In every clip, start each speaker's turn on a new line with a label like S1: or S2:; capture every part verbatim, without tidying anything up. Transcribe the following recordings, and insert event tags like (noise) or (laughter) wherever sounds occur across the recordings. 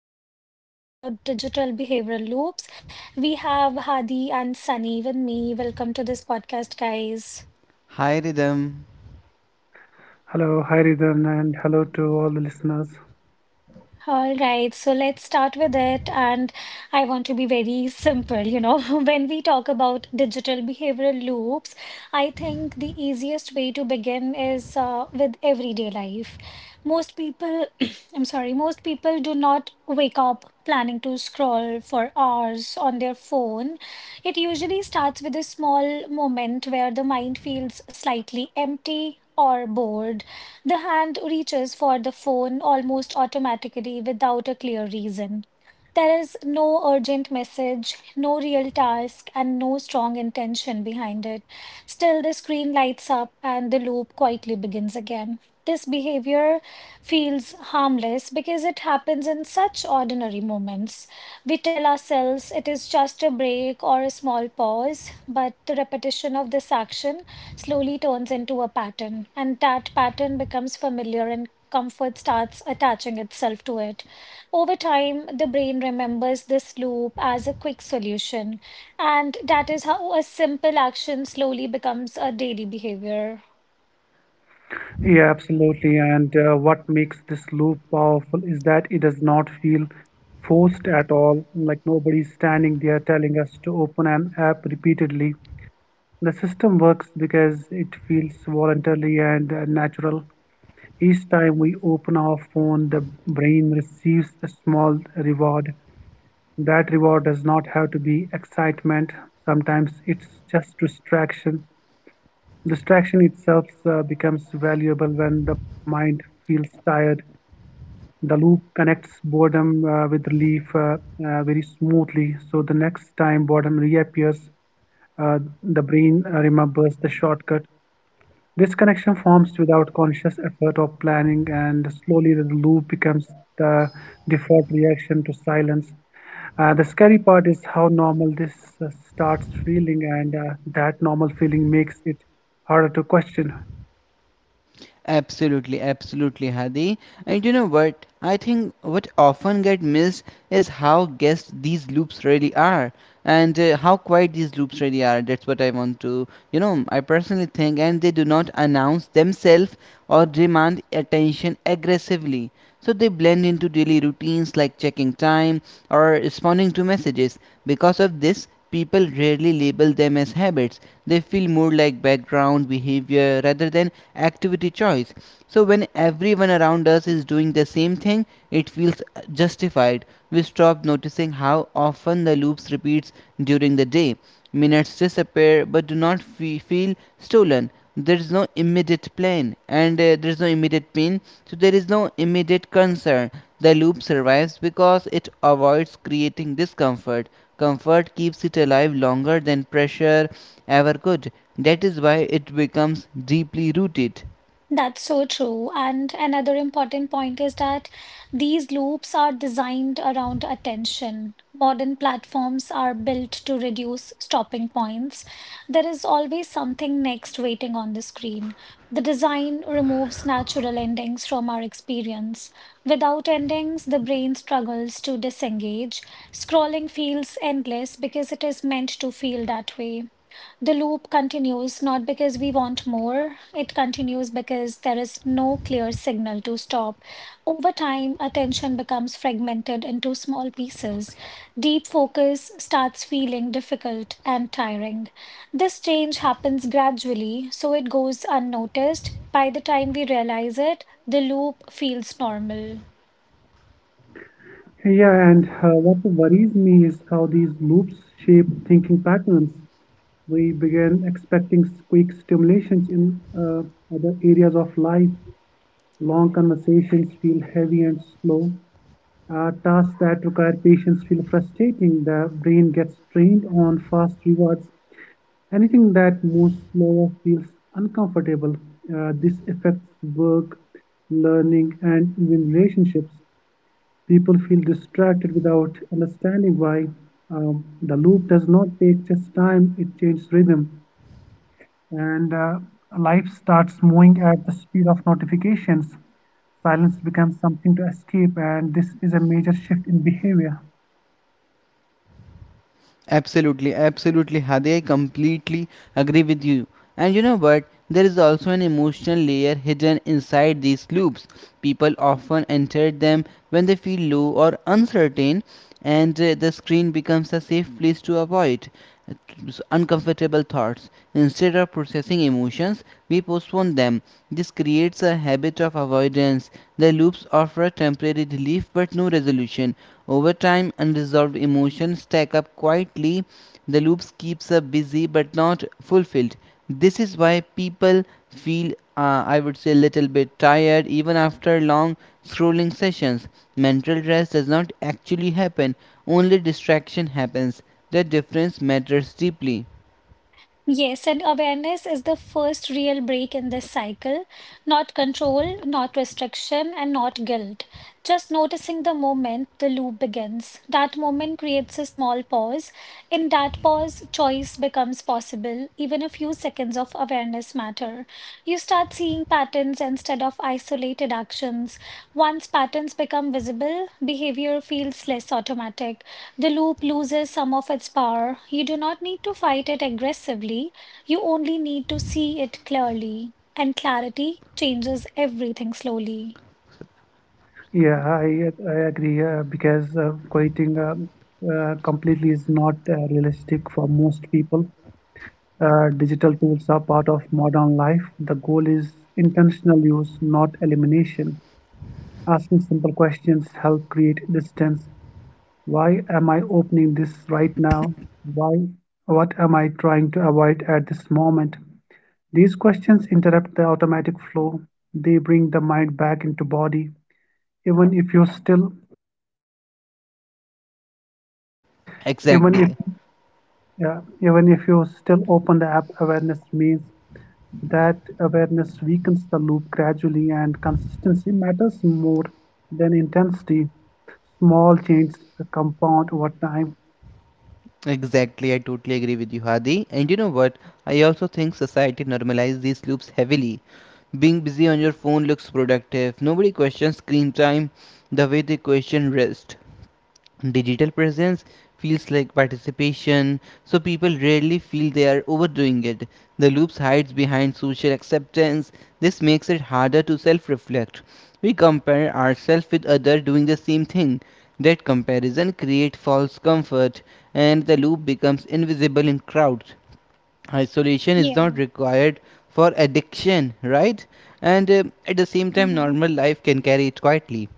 S1: we are going to talk about digital behavioral loops. We have Hadi and Sunny with me. Welcome to this podcast, guys.
S2: Hi Rhythm.
S3: Hello, hi Ridan, and hello to all the listeners.
S1: All right, so let's start with it. And I want to be very simple. You know, (laughs) when we talk about digital behavioral loops, I think the easiest way to begin is uh, with everyday life. Most people, (clears throat) I'm sorry, most people do not wake up planning to scroll for hours on their phone. It usually starts with a small moment where the mind feels slightly empty or bored. The hand reaches for the phone almost automatically without a clear reason. There is no urgent message, no real task, and no strong intention behind it. Still, the screen lights up and the loop quietly begins again. This behavior feels harmless because it happens in such ordinary moments. We tell ourselves it is just a break or a small pause, but the repetition of this action slowly turns into a pattern, and that pattern becomes familiar and comfort starts attaching itself to it. Over time, the brain remembers this loop as a quick solution, and that is how a simple action slowly becomes a daily behavior.
S3: Yeah, absolutely. And uh, what makes this loop powerful is that it does not feel forced at all. Like nobody's standing there telling us to open an app repeatedly. The system works because it feels voluntarily and uh, natural. Each time we open our phone, the brain receives a small reward. That reward does not have to be excitement. Sometimes it's just distraction. Distraction itself uh, becomes valuable when the mind feels tired. The loop connects boredom uh, with relief uh, uh, very smoothly. So the next time boredom reappears, uh, the brain uh, remembers the shortcut. This connection forms without conscious effort or planning, and slowly the loop becomes the default reaction to silence. Uh, the scary part is how normal this uh, starts feeling, and uh, that normal feeling makes it harder to question.
S2: Absolutely, absolutely, Hadi. And you know what? I think what often get missed is how guessed these loops really are, and uh, how quiet these loops really are. That's what I want to, you know, I personally think, and they do not announce themselves or demand attention aggressively. So they blend into daily routines like checking time or responding to messages. Because of this, people rarely label them as habits. They feel more like background behavior rather than activity choice. So when everyone around us is doing the same thing, it feels justified. We stop noticing how often the loops repeats during the day. Minutes disappear but do not fe- feel stolen. There is no immediate plan and uh, there is no immediate pain, so there is no immediate concern. The loop survives because it avoids creating discomfort. Comfort keeps it alive longer than pressure ever could. That is why it becomes deeply rooted.
S1: That's so true. And another important point is that these loops are designed around attention. Modern platforms are built to reduce stopping points. There is always something next waiting on the screen. The design removes natural endings from our experience. Without endings, the brain struggles to disengage. Scrolling feels endless because it is meant to feel that way. The loop continues not because we want more, it continues because there is no clear signal to stop. Over time, attention becomes fragmented into small pieces. Deep focus starts feeling difficult and tiring. This change happens gradually, so it goes unnoticed. By the time we realize it, the loop feels normal.
S3: Yeah, and uh, what worries me is how these loops shape thinking patterns. We begin expecting quick stimulations in uh, other areas of life. Long conversations feel heavy and slow. Uh, tasks that require patience feel frustrating. The brain gets trained on fast rewards. Anything that moves slower feels uncomfortable. Uh, this affects work, learning, and even relationships. People feel distracted without understanding why. Um, the loop does not take just time, it changes rhythm. And uh, life starts moving at the speed of notifications. Silence becomes something to escape, and this is a major shift in behavior.
S2: Absolutely, absolutely, Hadi. I completely agree with you. And you know what? There is also an emotional layer hidden inside these loops. People often enter them when they feel low or uncertain, and uh, the screen becomes a safe place to avoid uh, s- uncomfortable thoughts. Instead of processing emotions, we postpone them. This creates a habit of avoidance. The loops offer a temporary relief but no resolution. Over time, unresolved emotions stack up quietly. The loops keeps us busy but not fulfilled. This is why people feel, uh, I would say, a little bit tired even after long scrolling sessions. Mental rest does not actually happen; only distraction happens. The difference matters deeply.
S1: Yes, and awareness is the first real break in this cycle. Not control, not restriction, and not guilt. Just noticing the moment the loop begins. That moment creates a small pause. In that pause, choice becomes possible. Even a few seconds of awareness matter. You start seeing patterns instead of isolated actions. Once patterns become visible, behavior feels less automatic. The loop loses some of its power. You do not need to fight it aggressively, you only need to see it clearly. And clarity changes everything slowly.
S3: Yeah, I I agree uh, because uh, quitting uh, uh, completely is not uh, realistic for most people. Uh, digital tools are part of modern life. The goal is intentional use, not elimination. Asking simple questions help create distance. Why am I opening this right now? Why? What am I trying to avoid at this moment? These questions interrupt the automatic flow. They bring the mind back into body, even if you're still even if
S2: Exactly.
S3: Yeah, even if you still open the app, awareness means that awareness weakens the loop gradually, and consistency matters more than intensity. Small changes compound over time.
S2: Exactly, I totally agree with you, Hadi. And you know what? I also think society normalizes these loops heavily. Being busy on your phone looks productive. Nobody questions screen time the way they question rest. Digital presence feels like participation, so people rarely feel they are overdoing it. The loops hides behind social acceptance. This makes it harder to self-reflect. We compare ourselves with others doing the same thing. That comparison creates false comfort, and the loop becomes invisible in crowds. Isolation is not
S1: Yeah.
S2: required for addiction, right? And uh, at the same time
S1: Mhm.
S2: normal life can carry it quietly.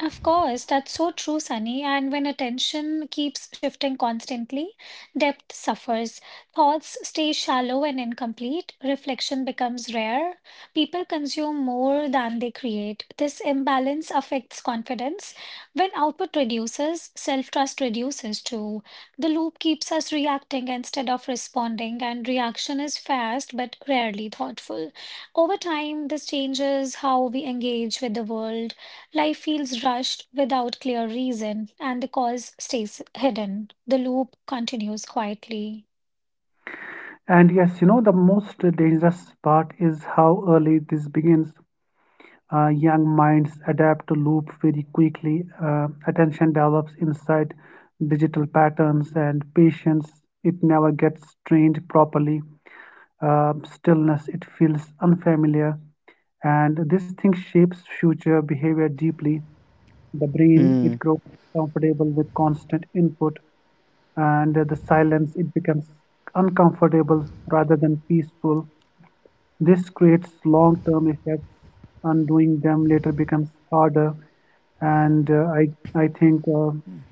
S1: Of course, that's so true, Sunny. And when attention keeps shifting constantly, depth suffers. Thoughts stay shallow and incomplete. Reflection becomes rare. People consume more than they create. This imbalance affects confidence. When output reduces, self trust reduces too. The loop keeps us reacting instead of responding, and reaction is fast but rarely thoughtful. Over time, this changes how we engage with the world. Life feels rushed without clear reason, and the cause stays hidden. The loop continues quietly.
S3: And yes, you know, the most dangerous part is how early this begins. Uh, young minds adapt to loop very quickly. Uh, attention develops inside digital patterns, and patience, it never gets trained properly. Uh, stillness. It feels unfamiliar, and this thing shapes future behavior deeply. The brain it
S2: Hmm.
S3: grows comfortable with constant input, and the silence it becomes uncomfortable rather than peaceful. This creates long-term effects. Undoing them later becomes harder, and uh, I I think uh,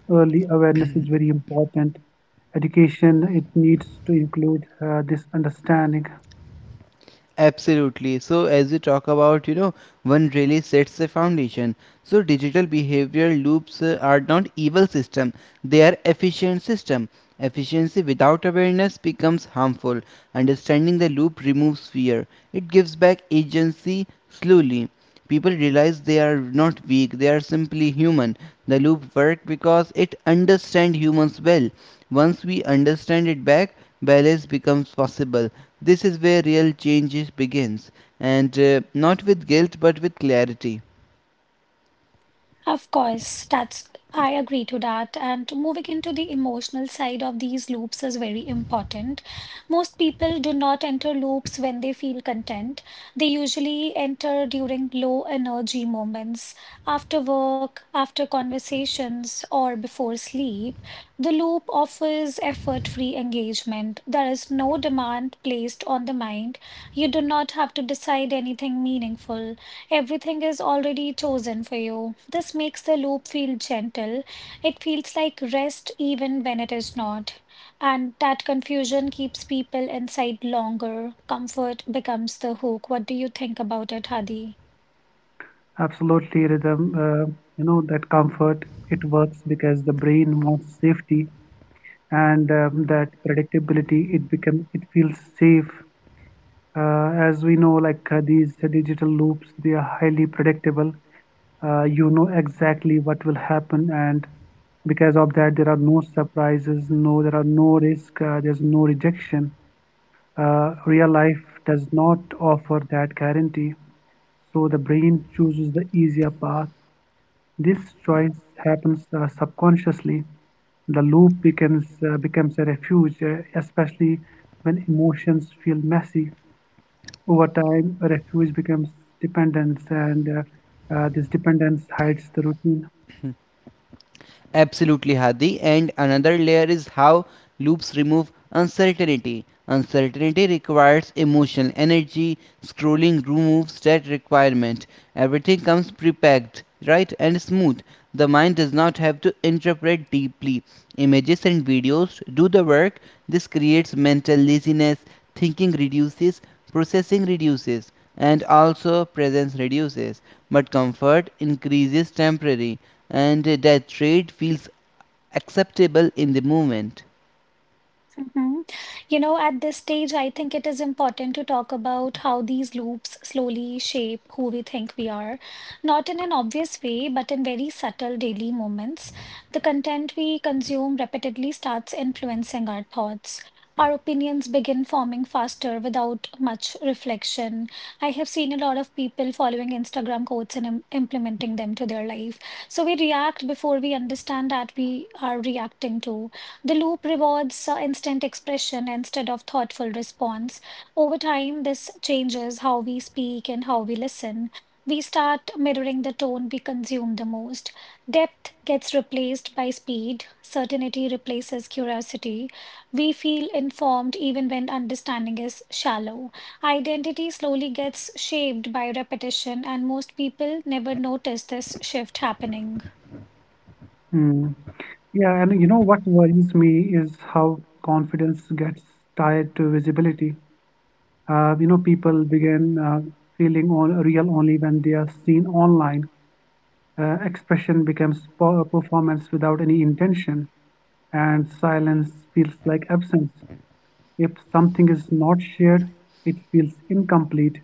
S3: early awareness is very important. Education it needs to include uh, this understanding.
S2: Absolutely. So, as we talk about, you know, one really sets the foundation. So, digital behavior loops uh, are not evil system; they are efficient system. Efficiency without awareness becomes harmful. Understanding the loop removes fear. It gives back agency slowly. People realize they are not weak; they are simply human. The loop works because it understands humans well. Once we understand it back, balance becomes possible. This is where real changes begins, and uh, not with guilt but with clarity.
S1: Of course, that's, I agree to that. And moving into the emotional side of these loops is very important. Most people do not enter loops when they feel content. They usually enter during low energy moments, after work, after conversations, or before sleep. The loop offers effort-free engagement. There is no demand placed on the mind. You do not have to decide anything meaningful. Everything is already chosen for you. This makes the loop feel gentle. It feels like rest even when it is not. And that confusion keeps people inside longer. Comfort becomes the hook. What do you think about it, Hadi?
S3: Absolutely, rhythm. Uh, you know that comfort it works because the brain wants safety and um, that predictability. It become it feels safe. Uh, as we know, like uh, these digital loops, they are highly predictable. Uh, you know exactly what will happen, and because of that, there are no surprises. No, there are no risk. Uh, there's no rejection. Uh, real life does not offer that guarantee. So the brain chooses the easier path. This choice happens uh, subconsciously. The loop becomes uh, becomes a refuge, uh, especially when emotions feel messy. Over time, a refuge becomes dependence, and uh, uh, this dependence hides the routine.
S2: Absolutely, Hadi. And another layer is how loops remove uncertainty. Uncertainty requires emotional energy. Scrolling removes that requirement. Everything comes prepacked, right, and smooth. The mind does not have to interpret deeply. Images and videos do the work. This creates mental laziness. Thinking reduces, processing reduces, and also presence reduces. But comfort increases temporary, and that rate feels acceptable in the moment.
S1: Mhm. You know, at this stage, I think it is important to talk about how these loops slowly shape who we think we are, not in an obvious way, but in very subtle daily moments. The content we consume repeatedly starts influencing our thoughts. Our opinions begin forming faster without much reflection. I have seen a lot of people following Instagram quotes and im- implementing them to their life. So we react before we understand that we are reacting to. The loop rewards uh, instant expression instead of thoughtful response. Over time, this changes how we speak and how we listen. We start mirroring the tone we consume the most. Depth gets replaced by speed. Certainty replaces curiosity. We feel informed even when understanding is shallow. Identity slowly gets shaped by repetition, and most people never notice this shift happening.
S3: Mm. Yeah, and you know what worries me is how confidence gets tied to visibility. Uh, you know, people begin uh, feeling all real only when they are seen online. Uh, expression becomes po- uh, performance without any intention, and silence feels like absence. If something is not shared, it feels incomplete.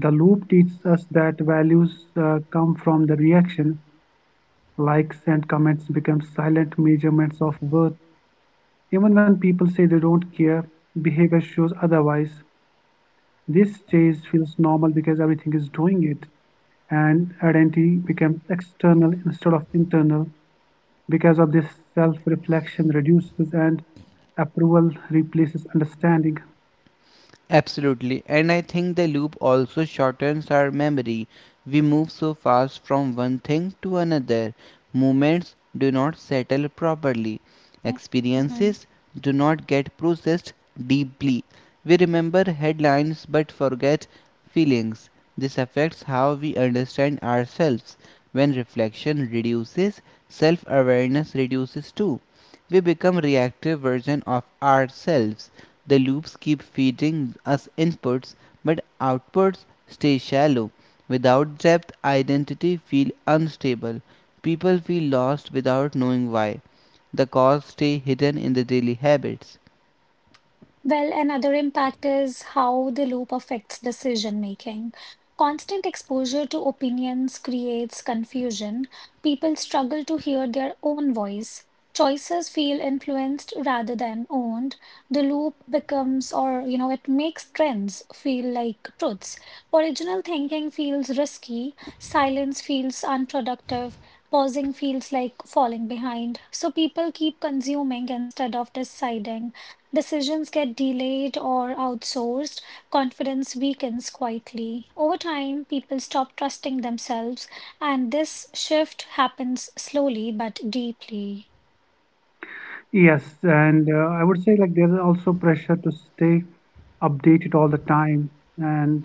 S3: The loop teaches us that values uh, come from the reaction. Likes and comments become silent measurements of worth. Even when people say they don't care, behavior shows otherwise. This chase feels normal because everything is doing it, and identity becomes external instead of internal. Because of this, self-reflection reduces and approval replaces understanding.
S2: Absolutely, and I think the loop also shortens our memory. We move so fast from one thing to another.
S1: Yeah,
S2: Moments
S1: I
S2: do not
S1: totally agree
S2: settle
S1: to your
S2: properly.
S1: point, you know. Mhm.
S2: Experiences do not get processed deeply. We remember headlines but forget feelings. This affects how we understand ourselves. When reflection reduces, self awareness reduces too. We become reactive versions of ourselves. The loops keep feeding us inputs, but outputs stay shallow. Without depth, identity feel unstable. People feel lost without knowing why. The cause stay hidden in the daily habits.
S1: Well, another impact is how the loop affects decision making. Constant exposure to opinions creates confusion. People struggle to hear their own voice. Choices feel influenced rather than owned. The loop becomes, or you know, it makes trends feel like truths. Original thinking feels risky. Silence feels unproductive. Pausing feels like falling behind. So people keep consuming instead of deciding. Decisions get delayed or outsourced. Confidence weakens quietly. Over time, people stop trusting themselves, and this shift happens slowly but deeply.
S3: Yes, and uh, I would say like there's also pressure to stay updated all the time, and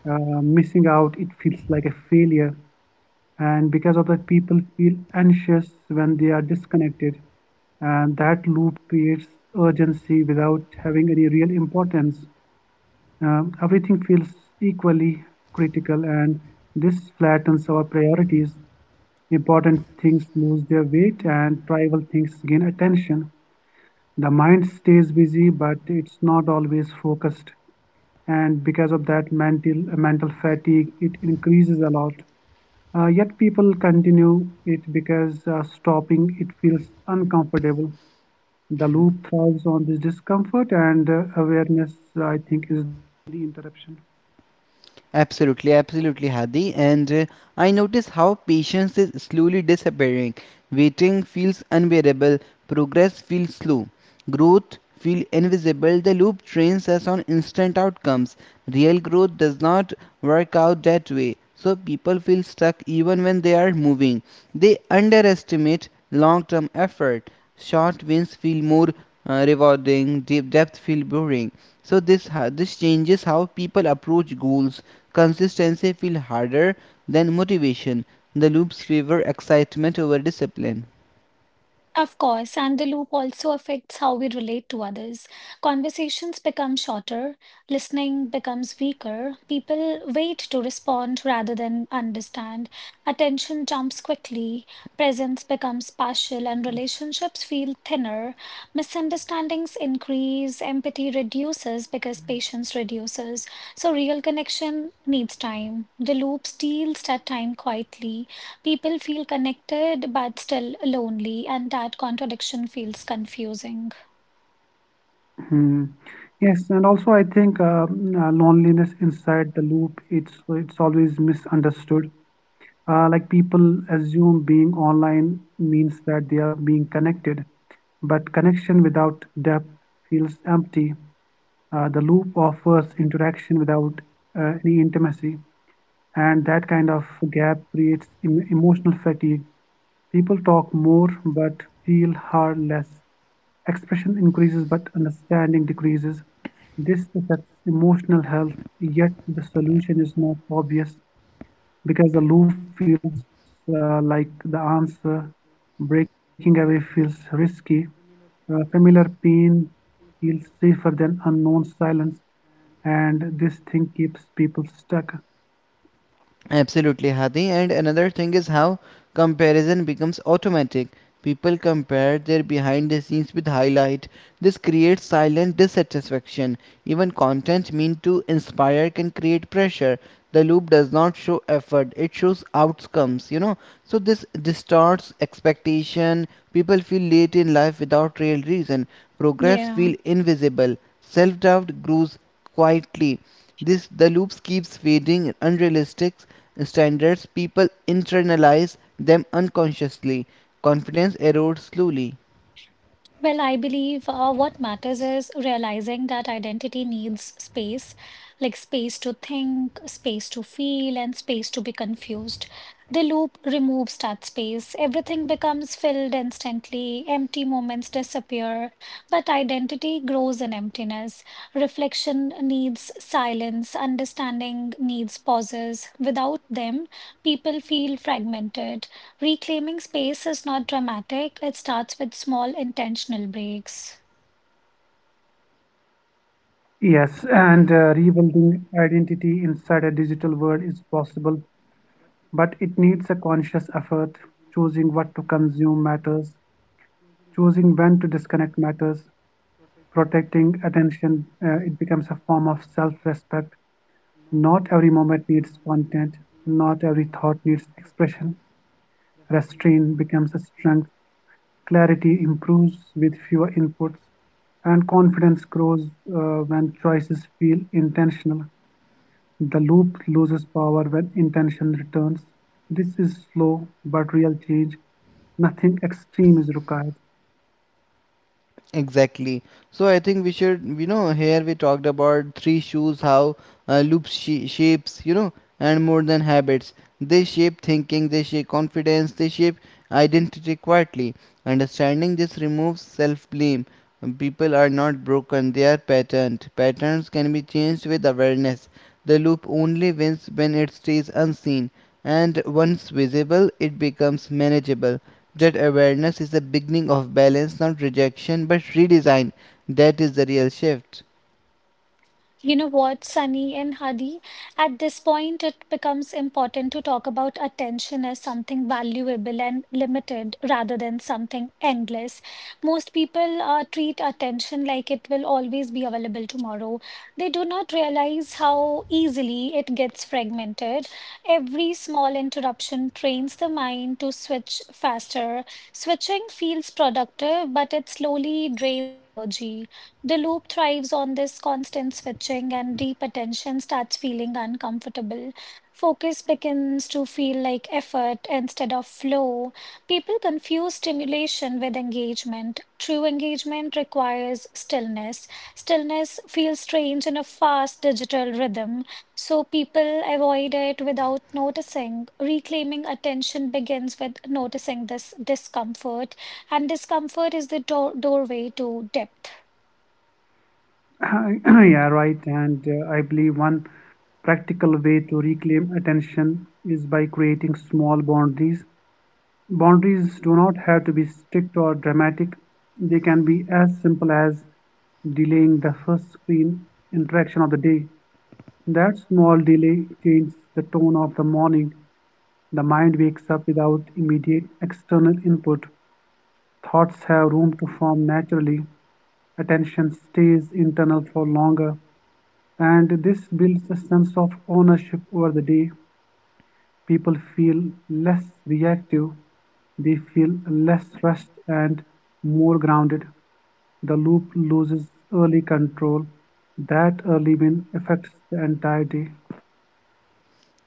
S3: uh, missing out it feels like a failure. And because of that, people feel anxious when they are disconnected, and that loop creates urgency without having any real importance. Um, everything feels equally critical, and this flattens our priorities. Important things lose their weight, and trivial things gain attention. The mind stays busy, but it's not always focused. And because of that mental mental fatigue, it increases a lot. Uh, yet people continue it because uh, stopping it feels uncomfortable. The loop thrives on this discomfort, and uh,
S2: Absolutely, absolutely, Hadi. And uh, I notice how patience is slowly disappearing. Waiting feels unbearable, progress feels slow, growth feels invisible. The loop trains us on instant outcomes. Real growth does not work out that way. So people feel stuck even when they are moving. They underestimate long term effort. Short wins feel more uh, rewarding, deep depth feel boring. So this this changes how people approach goals. Consistency feels harder than motivation. The loops favor excitement over discipline.
S1: Of course, and the loop also affects how we relate to others. Conversations become shorter, listening becomes weaker, people wait to respond rather than understand, attention jumps quickly, presence becomes partial, and relationships feel thinner. Misunderstandings increase, empathy reduces because patience reduces. So, real connection needs time. The loop steals that time quietly. People feel connected but still lonely, and that contradiction feels confusing.
S3: hmm. Yes, and also I think uh, mm, uh, loneliness inside the loop it's it's always misunderstood. Uh, like people assume being online means that they are being connected, but connection without depth feels empty. Uh, the loop offers interaction without uh, any intimacy, and that kind of gap creates em emotional fatigue. People talk more but feel far less. Expression increases but understanding decreases. This affects emotional health, yet the solution is not obvious because the loop feels uh, like the answer. Breaking away feels risky. Uh, familiar pain feels safer than unknown silence, and this thing keeps people stuck.
S2: Absolutely, Hadi. And another thing is how comparison becomes automatic. People compare their behind the scenes with highlight. This creates silent dissatisfaction. Even content meant to inspire can create pressure. The loop does not show effort, it shows outcomes, you know. So this distorts expectation. People feel late in life without real reason. Progress
S1: Yeah.
S2: feel invisible. Self doubt grows quietly. This the loops keeps feeding unrealistic standards. People internalize them unconsciously. Confidence erodes slowly.
S1: Well, I believe uh, what matters is realizing that identity needs space, like space to think, space to feel, and space to be confused. The loop removes that space. Everything becomes filled instantly, empty moments disappear, but identity grows in emptiness. Reflection needs silence, understanding needs pauses. Without them, people feel fragmented. Reclaiming space is not dramatic, it starts with small intentional breaks.
S3: Yes, and uh, rebuilding identity inside a digital world is possible, but it needs a conscious effort. Choosing what to consume matters. Choosing when to disconnect matters. Protecting attention, uh, it becomes a form of self respect. Not every moment needs content. Not every thought needs expression. Restraint becomes a strength. Clarity improves with fewer inputs. And confidence grows uh, when choices feel intentional. The loop loses power when intention returns. This is slow but real change. Nothing extreme is required.
S2: Exactly. So I think we should, you know, here we talked about three shoes, how uh, loops sh- shapes, you know, and more than habits. They shape thinking, they shape confidence, they shape identity quietly. Understanding this removes self blame. People are not broken, they are patterned. Patterns can be changed with awareness. The loop only wins when it stays unseen, and once visible, it becomes manageable. That awareness is the beginning of balance, not rejection but redesign. That is the real shift.
S1: You know what, Sunny and Hadi? At this point, it becomes important to talk about attention as something valuable and limited rather than something endless. Most people uh, treat attention like it will always be available tomorrow. They do not realize how easily it gets fragmented. Every small interruption trains the mind to switch faster. Switching feels productive, but it slowly drains energy. The loop thrives on this constant switching, and deep attention starts feeling uncomfortable. Focus begins to feel like effort instead of flow. People confuse stimulation with engagement. True engagement requires stillness. Stillness feels strange in a fast digital rhythm, so people avoid it without noticing. Reclaiming attention begins with noticing this discomfort, and discomfort is the door- doorway to depth.
S3: (clears throat) Yeah, right. And uh, I believe one practical way to reclaim attention is by creating small boundaries. Boundaries do not have to be strict or dramatic, they can be as simple as delaying the first screen interaction of the day. That small delay changes the tone of the morning. The mind wakes up without immediate external input. Thoughts have room to form naturally. Attention stays internal for longer, and this builds a sense of ownership over the day. People feel less reactive, they feel less rushed and more grounded. The loop loses early control. That early win affects the entire day.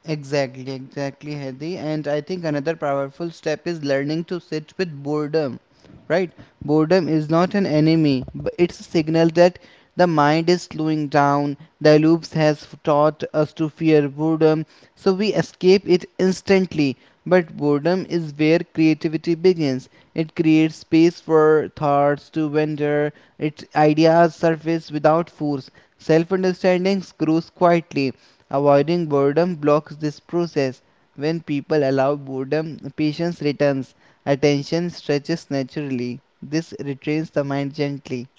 S2: Exactly, exactly, Hadi. And I think another powerful step is learning to sit with boredom, right? Boredom is not an enemy, but it's a signal that the mind is slowing down. The loops has taught us to fear boredom, so we escape it instantly. But boredom is where creativity begins. It creates space for thoughts to wander. Its ideas surface without force. Self-understanding grows quietly. Avoiding boredom blocks this process. When people allow boredom, patience returns, attention stretches naturally. This retrains the mind gently.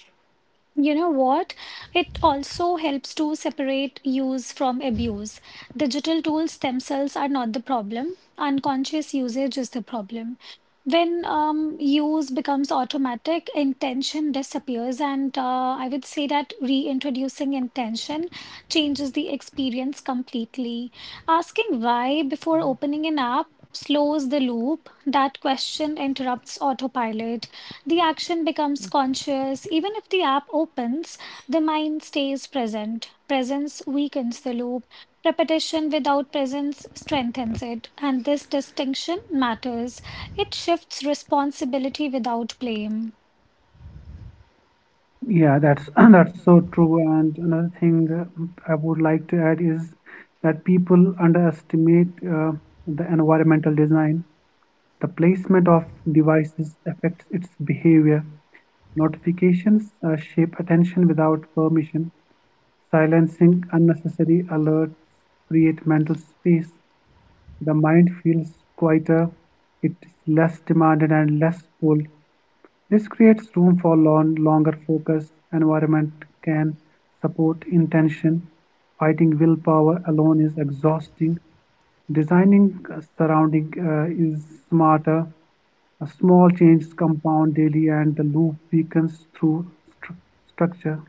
S1: You know what? It also helps to separate use from abuse. Digital tools themselves are not the problem. Unconscious usage is the problem. When um, use becomes automatic, intention disappears, and uh, I would say that reintroducing intention changes the experience completely. Asking why before opening an app slows the loop. That question interrupts autopilot. The action becomes conscious. Even if the app opens, the mind stays present. Presence weakens the loop. Repetition without presence strengthens it. And this distinction matters. It shifts responsibility without blame.
S3: Yeah, that's (clears throat) that's so true. And another thing uh, I would like to add is that people underestimate uh, the environmental design. The placement of devices affects its behavior; notifications uh, shape attention without permission; silencing unnecessary alerts create mental space. The mind feels quieter, it is less demanded and less pulled. This creates room for long, longer focus. Environment can support intention. Fighting willpower alone is exhausting. Designing uh, surrounding uh, is smarter. A small change is compound daily and the loop weakens through stru- structure.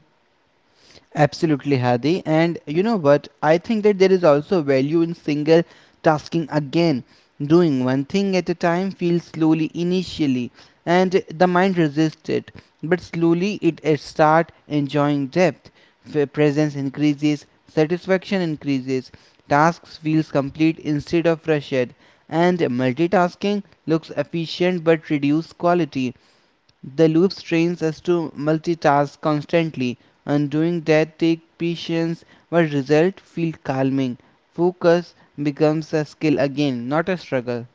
S2: Absolutely, Hadi. And you know what? I think that there is also value in single tasking again. Doing one thing at a time feels slowly initially, and the mind resists it. But slowly it it start enjoying depth. F- presence increases, satisfaction increases, tasks feels complete instead of rushed, and multitasking looks efficient but reduces quality. The loop trains us to multitask constantly, and doing that takes patience, but result feel calming. Focus becomes a skill again, not a struggle.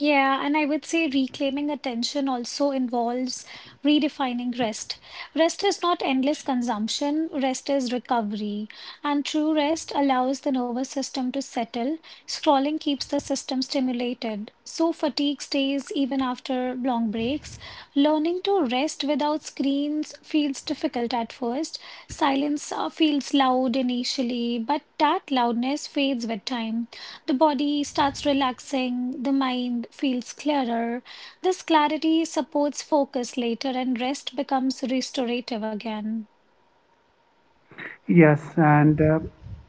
S1: Yeah, and I would say reclaiming attention also involves redefining rest. Rest is not endless consumption, rest is recovery. And true rest allows the nervous system to settle. Scrolling keeps the system stimulated. So fatigue stays even after long breaks. Learning to rest without screens feels difficult at first. Silence uh, feels loud initially, but that loudness fades with time. The body starts relaxing, the mind feels clearer. This clarity supports focus later, and rest becomes restorative again.
S3: Yes, and uh,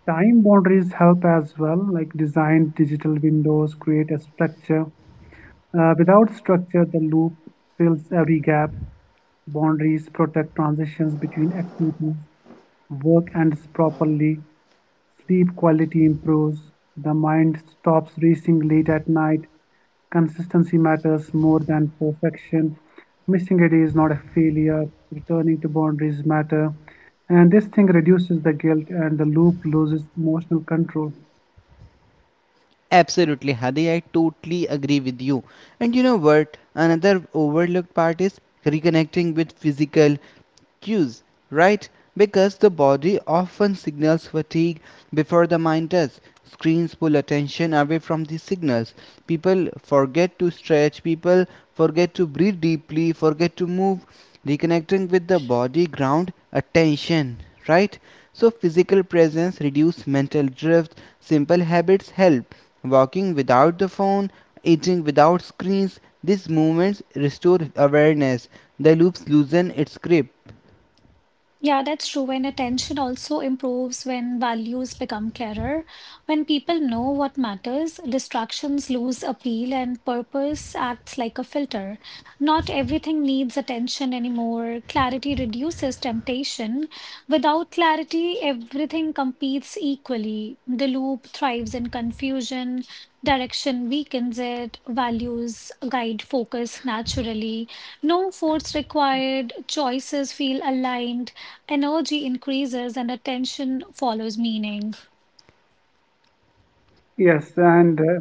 S3: time boundaries help as well, like design digital windows, create a structure. Uh, without structure, the loop fills every gap. Boundaries protect transitions between activities, work ends properly, sleep quality improves, the mind stops racing late at night. Consistency matters more than perfection. Missing a day is not a failure. Returning to boundaries matter. And this thing reduces the guilt and the loop loses emotional control.
S2: Absolutely, Hadi, I totally agree with you. And you know what? Another overlooked part is reconnecting with physical cues, right? Because the body often signals fatigue before the mind does. Screens pull attention away from these signals. People forget to stretch, people forget to breathe deeply, forget to move. Reconnecting with the body ground attention, right? So physical presence reduces mental drift. Simple habits help. Walking without the phone, eating without screens. These movements restore awareness. The loops loosen its grip.
S1: Yeah, that's true. And attention also improves when values become clearer. When people know what matters, distractions lose appeal and purpose acts like a filter. Not everything needs attention anymore. Clarity reduces temptation. Without clarity, everything competes equally. The loop thrives in confusion. Direction weakens it. Values guide focus naturally. No force required. Choices feel aligned. Energy increases and attention follows meaning.
S3: Yes, and uh,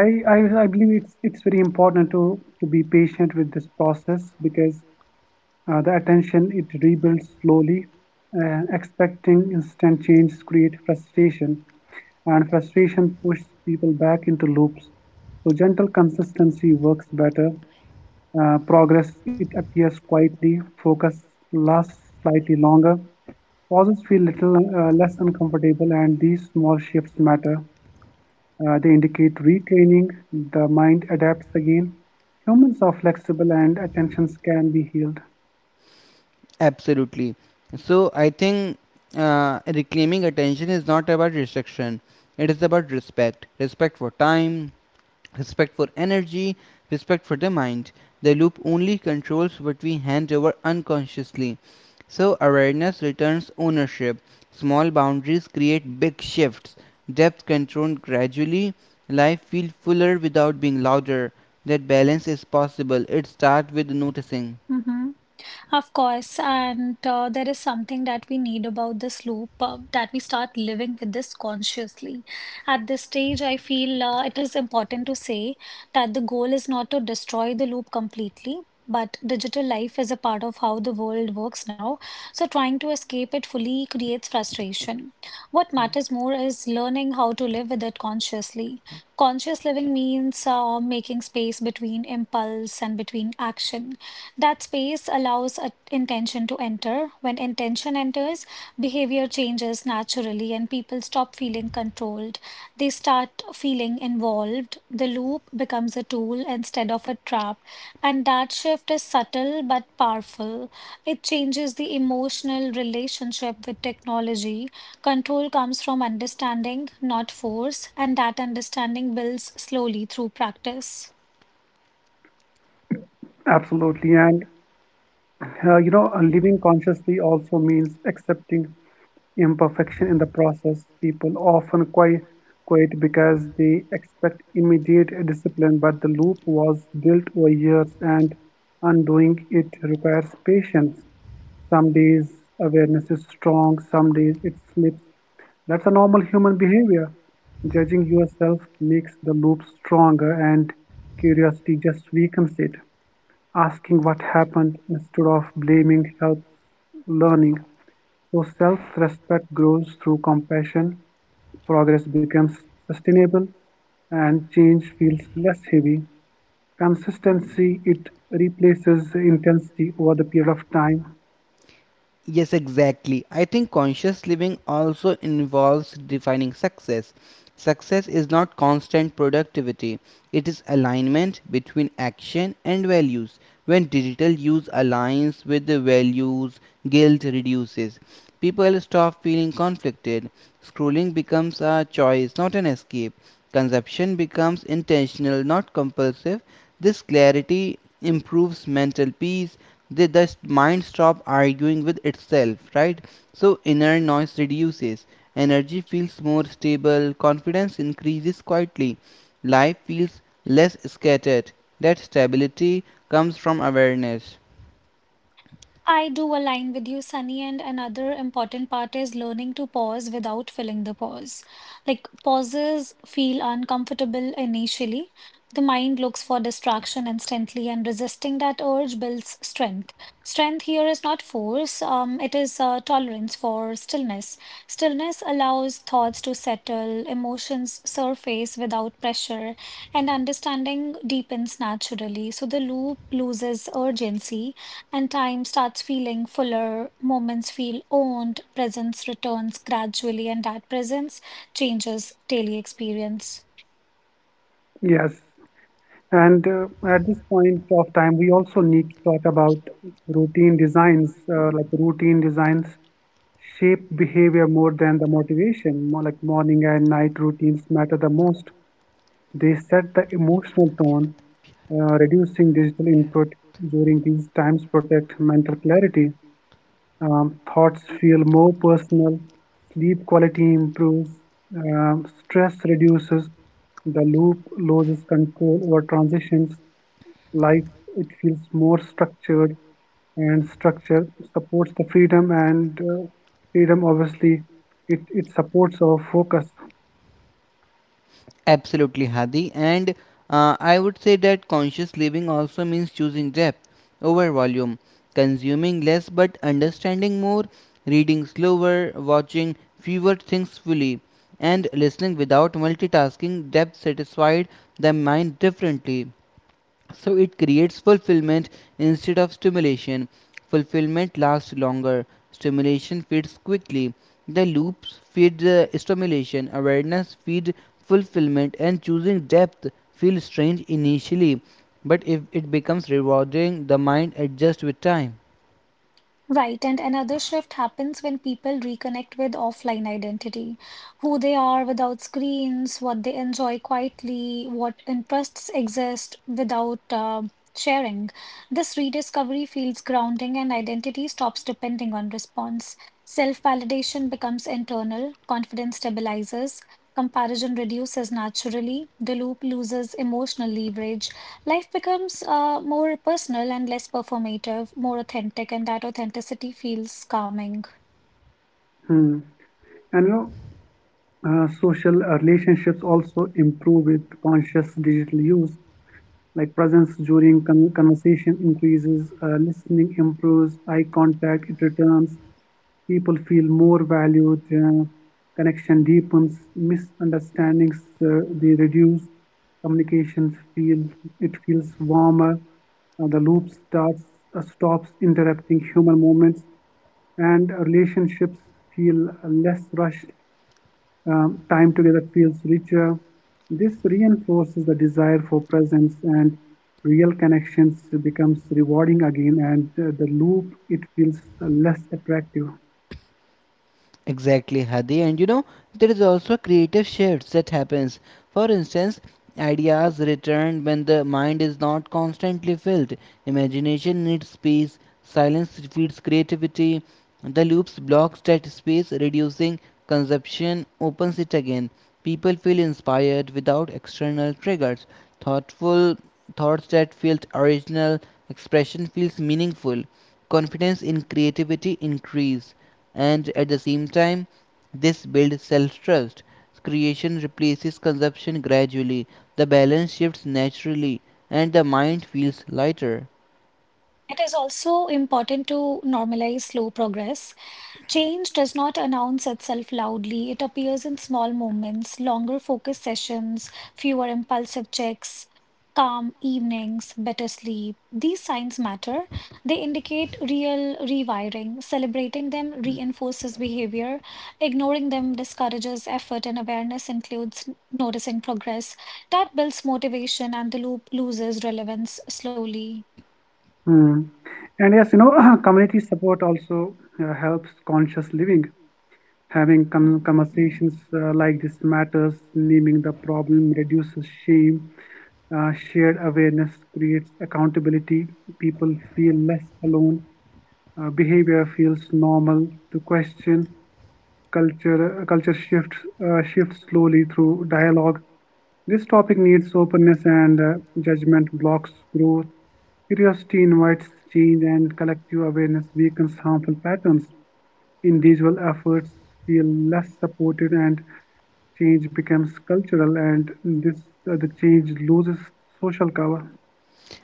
S3: I, I I believe it's it's very important to to be patient with this process because Uh, the attention it rebuilds slowly, and expecting instant change creates frustration, and frustration pushes people back into loops. So gentle consistency works better. Uh, progress it appears quietly. Focus lasts slightly longer. Pauses feel little uh, less uncomfortable, and these small shifts matter. Uh, they indicate retraining. The mind adapts again. Humans are flexible, and attentions can be healed.
S2: Absolutely. So I think uh, reclaiming attention is not about restriction. It is about respect. Respect for time, respect for energy, respect for the mind. The loop only controls what we hand over unconsciously. So awareness returns ownership. Small boundaries create big shifts. Depth controlled gradually. Life feels fuller without being louder. That balance is possible. It starts with noticing.
S1: Mhm. Of course, and uh, there is something that we need about this loop uh, that we start living with this consciously. At this stage, I feel uh, it is important to say that the goal is not to destroy the loop completely. But digital life is a part of how the world works now, so trying to escape it fully creates frustration. What matters more is learning how to live with it consciously. Conscious living means uh, making space between impulse and between action. That space allows a- intention to enter. When intention enters, behavior changes naturally and people stop feeling controlled. They start feeling involved. The loop becomes a tool instead of a trap. And that shift is subtle but powerful. It changes the emotional relationship with technology. Control comes from understanding, not force, and that understanding builds slowly through practice.
S3: Absolutely, and Uh, you know, uh, living consciously also means accepting imperfection in the process. People often quite quit because they expect immediate discipline, but the loop was built over years, and undoing it requires patience. Some days awareness is strong, some days it slips. That's a normal human behavior. Judging yourself makes the loop stronger, and curiosity just weakens it. Asking what happened instead of blaming helps learning. So self-respect grows through compassion, progress becomes sustainable, and change feels less heavy. Consistency, it replaces intensity over the period of time.
S2: Yes, exactly. I think conscious living also involves defining success. Success is not constant productivity, it is alignment between action and values. When digital use aligns with the values, guilt reduces. People stop feeling conflicted. Scrolling becomes a choice, not an escape. Consumption becomes intentional, not compulsive. This clarity improves mental peace. The, the mind stops arguing with itself, right? So inner noise reduces, energy feels more stable, confidence increases quietly, life feels less scattered. That stability comes from awareness.
S1: I do align with you, Sunny, and another important part is learning to pause without filling the pause. Like pauses feel uncomfortable initially. The mind looks for distraction instantly, and resisting that urge builds strength. Strength here is not force, um, it is uh, tolerance for stillness. Stillness allows thoughts to settle, emotions surface without pressure, and understanding deepens naturally. So the loop loses urgency and time starts feeling fuller, moments feel owned, presence returns gradually, and that presence changes daily experience.
S3: Yes. And uh, at this point of time, we also need to talk about routine designs, uh, like routine designs shape behavior more than the motivation. More like morning and night routines matter the most. They set the emotional tone, uh, reducing digital input
S2: Yes.
S3: during these times protect mental clarity. Um, thoughts feel more personal, sleep quality improves, um, stress reduces, the loop loses control over transitions, life it feels more structured, and structure supports the freedom and uh, freedom obviously it, it supports our focus.
S2: Absolutely, Hadi. And uh, I would say that conscious living also means choosing depth over volume, consuming less but understanding more, reading slower, watching fewer things fully, and listening without multitasking. Depth satisfied the mind differently. So it creates fulfillment instead of stimulation. Fulfillment lasts longer, stimulation fades quickly. The loops feed the stimulation, awareness feeds fulfillment, and choosing depth feels strange initially. But if it becomes rewarding, the mind adjusts with time.
S1: Right, and another shift happens when people reconnect with offline identity, who they are without screens, what they enjoy quietly, what interests exist without uh, sharing. This rediscovery feels grounding, and identity stops depending on response. Self validation becomes internal, confidence stabilizes, comparison reduces naturally, the loop loses emotional leverage. Life becomes uh, more personal and less performative, more authentic, and that authenticity feels calming.
S3: Hmm. And you know Uh, social relationships also improve with conscious digital use, like presence during con- conversation increases, uh, listening improves, eye contact it returns, people feel more valued, uh, connection deepens, misunderstandings uh, they reduce, Communications feel it feels warmer, uh, the loop starts uh, stops interrupting human moments, and relationships feel less rushed, um, time together feels richer. This reinforces the desire for presence, and real connections becomes rewarding again, and uh, the loop it feels uh, less attractive.
S2: Exactly, Hadi. And you know, there is also a creative shift that happens. For instance, ideas return when the mind is not constantly filled. Imagination needs space, silence feeds creativity. The loops blocks that space, reducing consumption opens it again. People feel inspired without external triggers. Thoughtful thoughts that feel original, expression feels meaningful. Confidence in creativity increase, and at the same time this builds self-trust. Creation replaces consumption gradually, the balance shifts naturally, and the mind feels lighter.
S1: It is also important to normalize slow progress. Change does not announce itself loudly. It appears in small moments, longer focus sessions, fewer impulsive checks, calm evenings, better sleep. These signs matter. They indicate real rewiring. Celebrating them reinforces behavior. Ignoring them discourages effort, and awareness includes n- noticing progress. That builds motivation, and the loop loses relevance slowly.
S3: Hmm. And yes, you know, (coughs) (clears throat) community support also uh, helps conscious living. Having con- conversations uh, like this matters. Naming the problem reduces shame, uh, shared awareness creates accountability. People feel less alone. uh, behavior feels normal to question. Culture uh, culture shifts uh, shifts slowly through dialogue. This topic needs openness, and uh, judgment blocks growth. Curiosity invites change, and collective awareness weakens harmful patterns. Individual efforts feel less supported, and change becomes cultural, and this uh, the change loses social cover.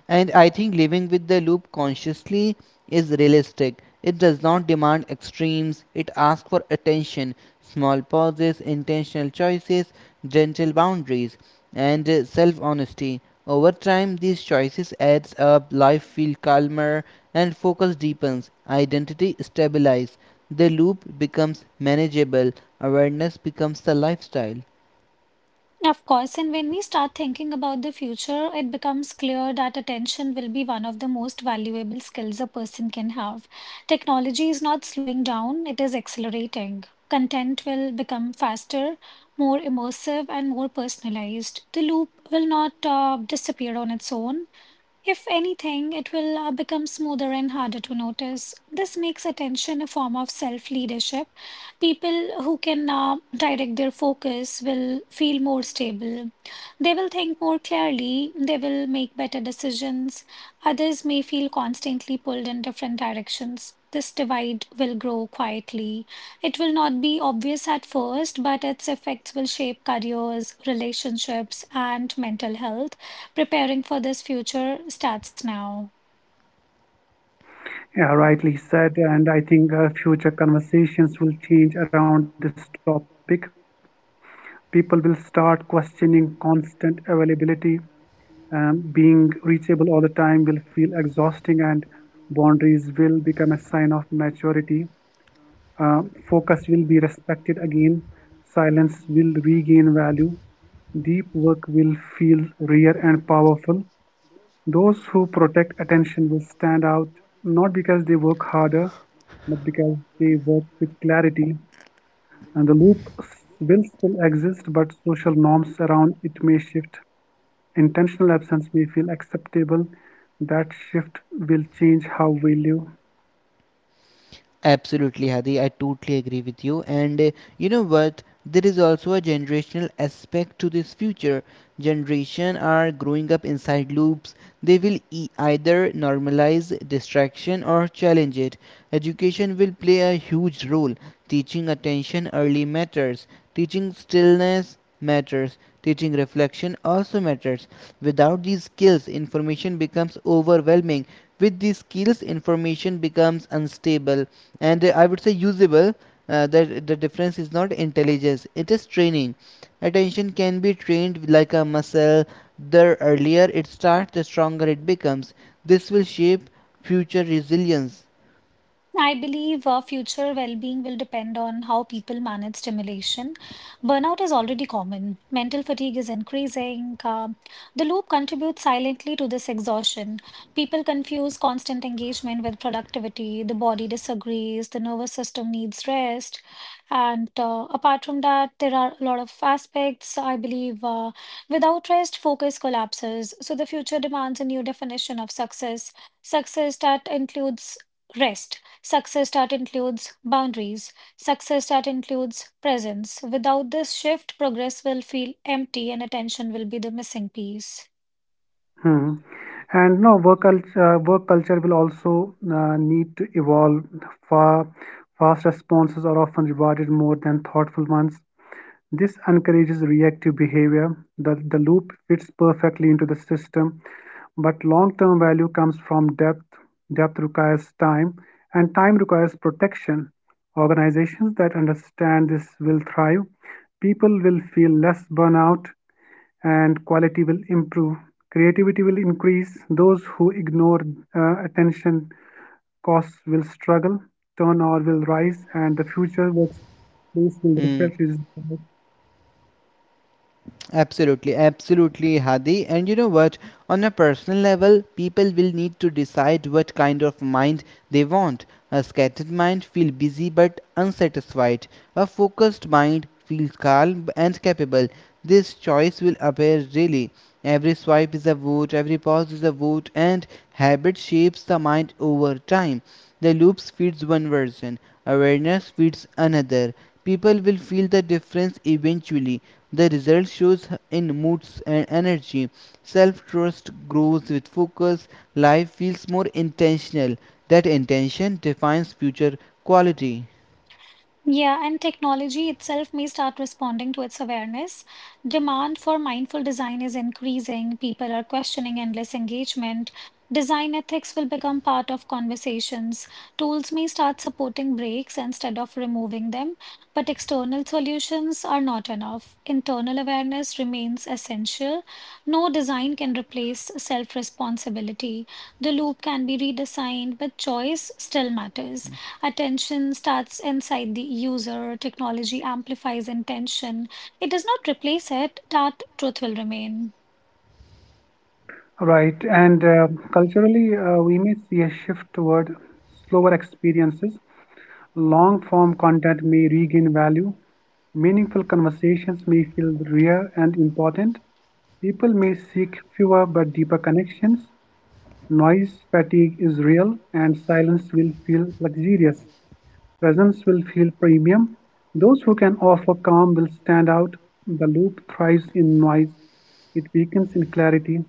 S2: And I think living with the loop consciously is realistic. It does not demand extremes, it asks for attention, small pauses, intentional choices, gentle boundaries, and self honesty. Over time these choices adds up, life feels calmer and focus deepens, identity stabilizes, the loop becomes manageable, awareness becomes the lifestyle.
S1: Of course, and when we start thinking about the future, it becomes clear that attention will be one of the most valuable skills a person can have. Technology is not slowing down, it is accelerating. Content will become faster, more immersive, and more personalized. The loop will not uh, disappear on its own. If anything, it will uh, become smoother and harder to notice. This makes attention a form of self leadership. People who can uh, direct their focus will feel more stable. They will think more clearly. They will make better decisions. Others may feel constantly pulled in different directions. This divide will grow quietly. It will not be obvious at first, but its effects will shape careers, relationships, and mental health preparing for this future starts now.
S3: Yeah, rightly said. And I think uh, future conversations will change around this topic. People will start questioning constant availability. Um, being reachable all the time will feel exhausting, and boundaries will become a sign of maturity. Uh, Focus will be respected again, silence will regain value, deep work will feel rare and powerful. Those who protect attention will stand out, not because they work harder, but because they work with clarity. And the loop will still exist, but social norms around it may shift. Intentional absence may feel acceptable. That shift will change how we live.
S2: Absolutely, Hadi. I totally agree with you. And uh, you know what? There is also a generational aspect to this future. Generation are growing up inside loops. They will e- either normalize distraction or challenge it. Education will play a huge role. Teaching attention early matters. Teaching stillness matters. Teaching reflection also matters. Without these skills, information becomes overwhelming. With these skills, information becomes unstable and uh, I would say usable. Uh, that the difference is not intelligence; it is training. Attention can be trained like a muscle. The earlier it starts, the stronger it becomes. This will shape future resilience.
S1: I believe uh, future well being will depend on how people manage stimulation. Burnout is already common, mental fatigue is increasing. Uh, the loop contributes silently to this exhaustion. People confuse constant engagement with productivity, the body disagrees, the nervous system needs rest. And uh, apart from that, there are a lot of aspects, I believe. Uh, without rest, focus collapses. So the future demands a new definition of success, success that includes rest. Success that includes boundaries, success that includes presence. Without this shift, progress will feel empty and attention will be the missing piece.
S3: Hmm. And no, work culture, work culture will also uh, need to evolve. Fa- Fast responses are often rewarded more than thoughtful ones. This encourages reactive behavior. The, the loop fits perfectly into the system, but long-term value comes from depth. Depth requires time, and time requires protection. Organizations that understand this will thrive. People will feel less burnout, and quality will improve. Creativity will increase. Those who ignore uh, attention costs will struggle. Turnover will rise, and the future workplace will
S2: Hmm.
S3: reflect this.
S2: Absolutely, absolutely, Hadi. And you know what? On a personal level, people will need to decide what kind of mind they want. A scattered mind feels busy but unsatisfied. A focused mind feels calm and capable. This choice will appear really. Every swipe is a vote, every pause is a vote, and habit shapes the mind over time. The loops feeds one version, awareness feeds another. People will feel the difference eventually, the result shows in moods and energy. Self trust grows with focus. Life feels more intentional. That intention defines future quality.
S1: Yeah, and technology itself may start responding to its awareness. Demand for mindful design is increasing. People are questioning endless engagement. Design ethics will become part of conversations. Tools may start supporting breaks instead of removing them, but external solutions are not enough. Internal awareness remains essential. No design can replace self-responsibility. The loop can be redesigned, but choice still matters. Attention starts inside the user, technology amplifies intention. It does not replace it, that truth will remain.
S3: Right. And uh, culturally, uh, we may see a shift toward slower experiences. Long form content may regain value. Meaningful conversations may feel rare and important. People may seek fewer but deeper connections. Noise fatigue is real, and silence will feel luxurious. Presence will feel premium. Those who can offer calm will stand out. The loop thrives in noise, it weakens in clarity.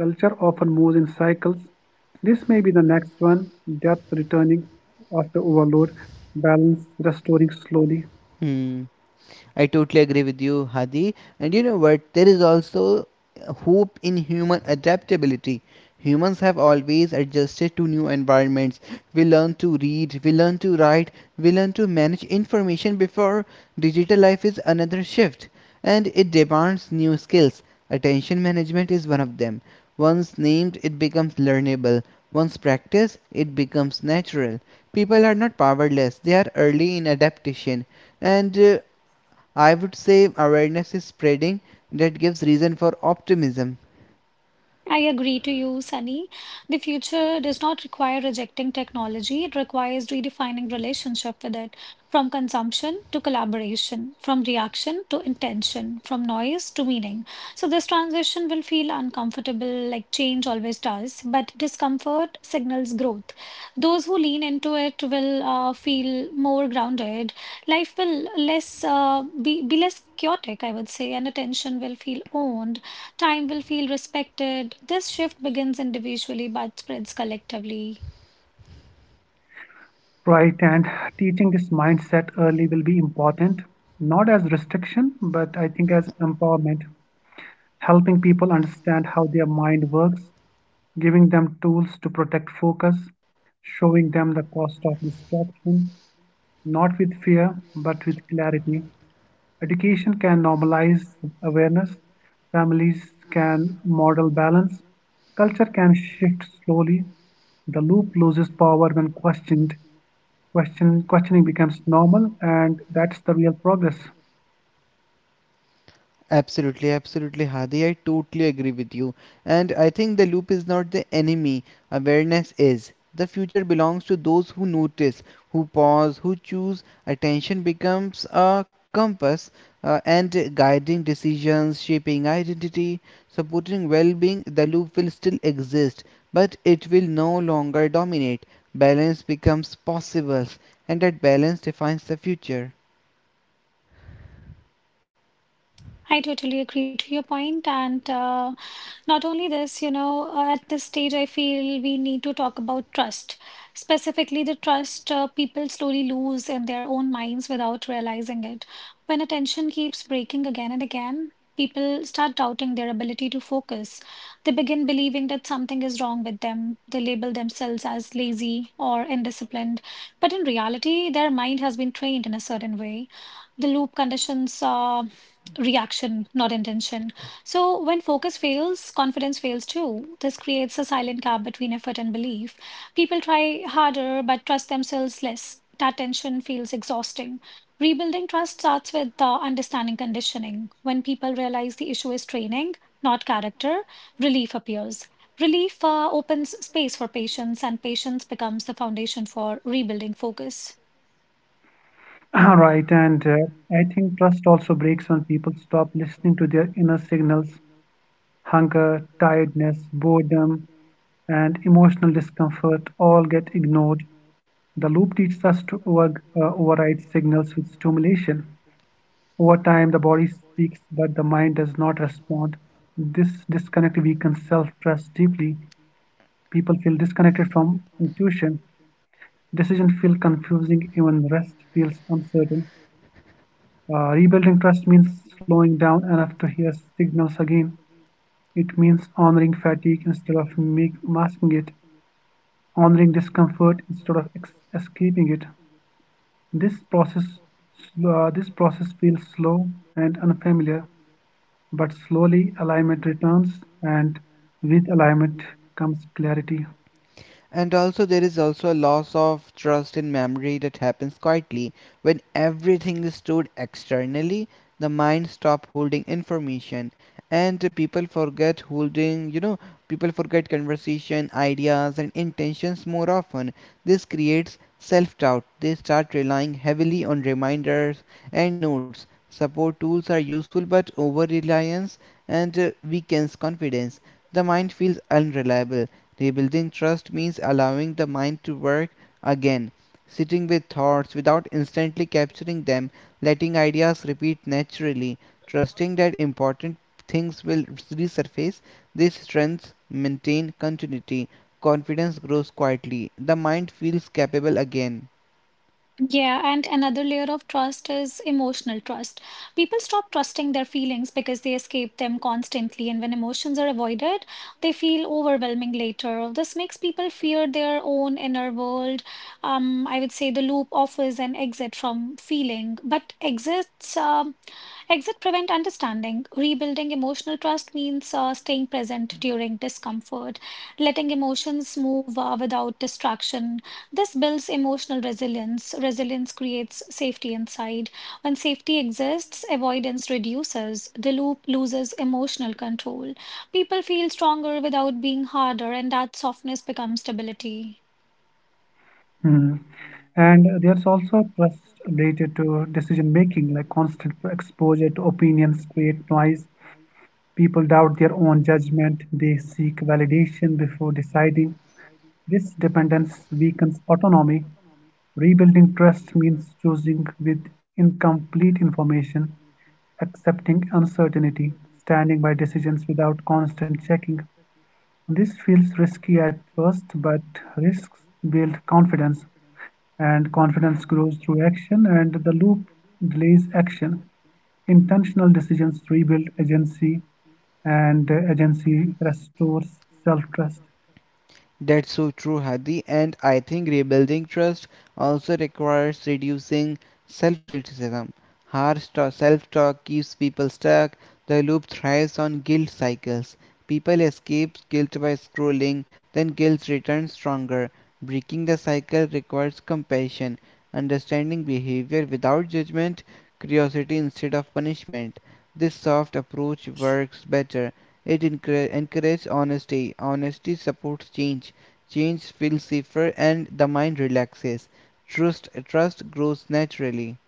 S3: Culture often moves in cycles. This may be the next one: depth returning after overload, balance restoring slowly.
S2: Hmm. I totally agree with you, Hadi. And you know what? There is also hope in human adaptability. Humans have always adjusted to new environments. We learn to read, we learn to write, we learn to manage information before digital life is another shift. And it demands new skills. Attention management is one of them. Once named, it becomes learnable. Once practiced, it becomes natural. People are not powerless, they are early in adaptation. And uh, I would say awareness is spreading, that gives reason for optimism.
S1: I agree to you, Sunny. The future does not require rejecting technology. It requires redefining relationship with it, from consumption to collaboration, from reaction to intention, from noise to meaning. So this transition will feel uncomfortable, like change always does, but discomfort signals growth. Those who lean into it will uh, feel more grounded. Life will less uh, be be less chaotic, I would say, and attention will feel owned time will feel respected. This shift begins individually but spreads collectively.
S3: Right. And teaching this mindset early will be important, not as restriction, but I think as empowerment, helping people understand how their mind works, giving them tools to protect focus, showing them the cost of distraction, not with fear, but with clarity. Education can normalize awareness, families can model balance, culture can shift slowly. The loop loses power when questioned. Question, questioning becomes normal, and that's the real progress.
S2: Absolutely, absolutely, Hadi. I totally agree with you. And I think the loop is not the enemy, awareness is. The future belongs to those who notice, who pause, who choose. Attention becomes a compass uh, and guiding decisions, shaping identity, supporting well being. The loop will still exist, but it will no longer dominate. Balance becomes possible, and that balance defines the future.
S1: I totally agree to your point, and uh, not only this, you know, uh, at this stage, I feel we need to talk about trust, specifically the trust uh, people slowly lose in their own minds without realizing it. When attention keeps breaking again and again, people start doubting their ability to focus. They begin believing that something is wrong with them. They label themselves as lazy or indisciplined. But in reality, their mind has been trained in a certain way. The loop conditions uh, reaction, not intention. So, when focus fails, confidence fails too. This creates a silent gap between effort and belief. People try harder but trust themselves less. That tension feels exhausting. Rebuilding trust starts with uh, understanding conditioning. When people realize the issue is training, not character, relief appears. Relief uh, opens space for patience, and patience becomes the foundation for rebuilding focus.
S3: (clears throat) All right. And uh, I think trust also breaks when people stop listening to their inner signals. Hunger, tiredness, boredom, and emotional discomfort all get ignored. The loop teaches us to over, uh, override signals with stimulation. Over time, the body speaks, but the mind does not respond. This disconnect weakens self trust deeply. People feel disconnected from intuition. Decisions feel confusing, even rest feels uncertain. Uh, rebuilding trust means slowing down enough to hear signals again. It means honoring fatigue instead of make, masking it, honoring discomfort instead of ex- escaping it. This process, uh, this process feels slow and unfamiliar, but slowly alignment returns, and with alignment comes clarity.
S2: And also there is also a loss of trust in memory that happens quietly. When everything is stored externally, the mind stop holding information, and the people forget holding you know People forget conversation ideas and intentions more often. This creates self-doubt. They start relying heavily on reminders and notes. Support tools are useful, but over reliance and uh, weakens confidence. The mind feels unreliable. Rebuilding trust means allowing the mind to work again, sitting with thoughts without instantly capturing them, letting ideas repeat naturally, trusting that important things will resurface. These strengths maintain continuity. Confidence grows quietly. The mind feels capable again.
S1: Yeah, and another layer of trust is emotional trust. People stop trusting their feelings because they escape them constantly, and when emotions are avoided, they feel overwhelming later. This makes people fear their own inner world. Um, I would say the loop offers an exit from feeling, but exits, um, exit prevent understanding. Rebuilding emotional trust means uh, staying present during discomfort, letting emotions move uh, without distraction this builds emotional resilience. Resilience creates safety inside. When safety exists, avoidance reduces. The loop loses emotional control. People feel stronger without being harder, and that softness becomes stability.
S3: Hmm. And there's also trust related to decision making, like constant exposure to opinions create noise. People doubt their own judgment. They seek validation before deciding. This dependence weakens autonomy. Rebuilding trust means choosing with incomplete information, accepting uncertainty, standing by decisions without constant checking. This feels risky at first, but risks build confidence, and confidence grows through action, and the loop delays action. Intentional decisions rebuild agency, and uh, agency restores self trust.
S2: That's so true, Hadi. And I think rebuilding trust also requires reducing self criticism. Harsh self talk keeps people stuck. The loop thrives on guilt cycles. People escape guilt by scrolling, then guilt returns stronger. Breaking the cycle requires compassion, understanding behavior without judgment, curiosity instead of punishment. This soft approach works better, it encra- encourages honesty. Honesty supports change. Change feels safer and the mind relaxes. Trust trust grows naturally.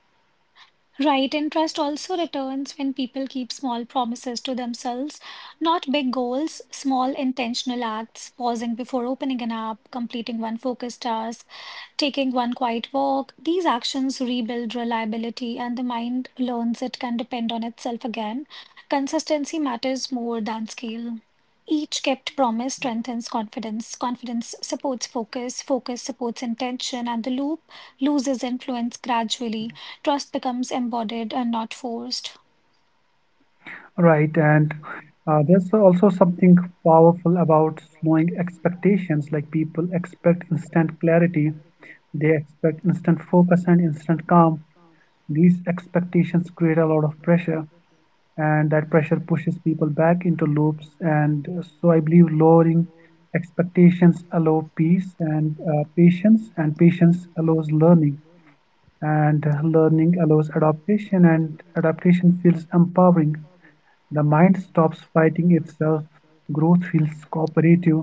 S1: Right, and trust also returns when people keep small promises to themselves, not big goals, small intentional acts, pausing before opening an app, completing one focused task, taking one quiet walk. These actions rebuild reliability, and the mind learns it can depend on itself again. Consistency matters more than scale. Each kept promise strengthens confidence. Confidence supports focus. Focus supports intention, and the loop loses influence gradually. Trust becomes embodied and not forced.
S3: Right. And uh, there's also something powerful about slowing expectations. Like, people expect instant clarity, they expect instant focus and instant calm. These expectations create a lot of pressure, and that pressure pushes people back into loops. And uh, so, I believe lowering expectations allow peace and uh, patience, and patience allows learning, and uh, learning allows adaptation, and adaptation feels empowering. The mind stops fighting itself, growth feels cooperative,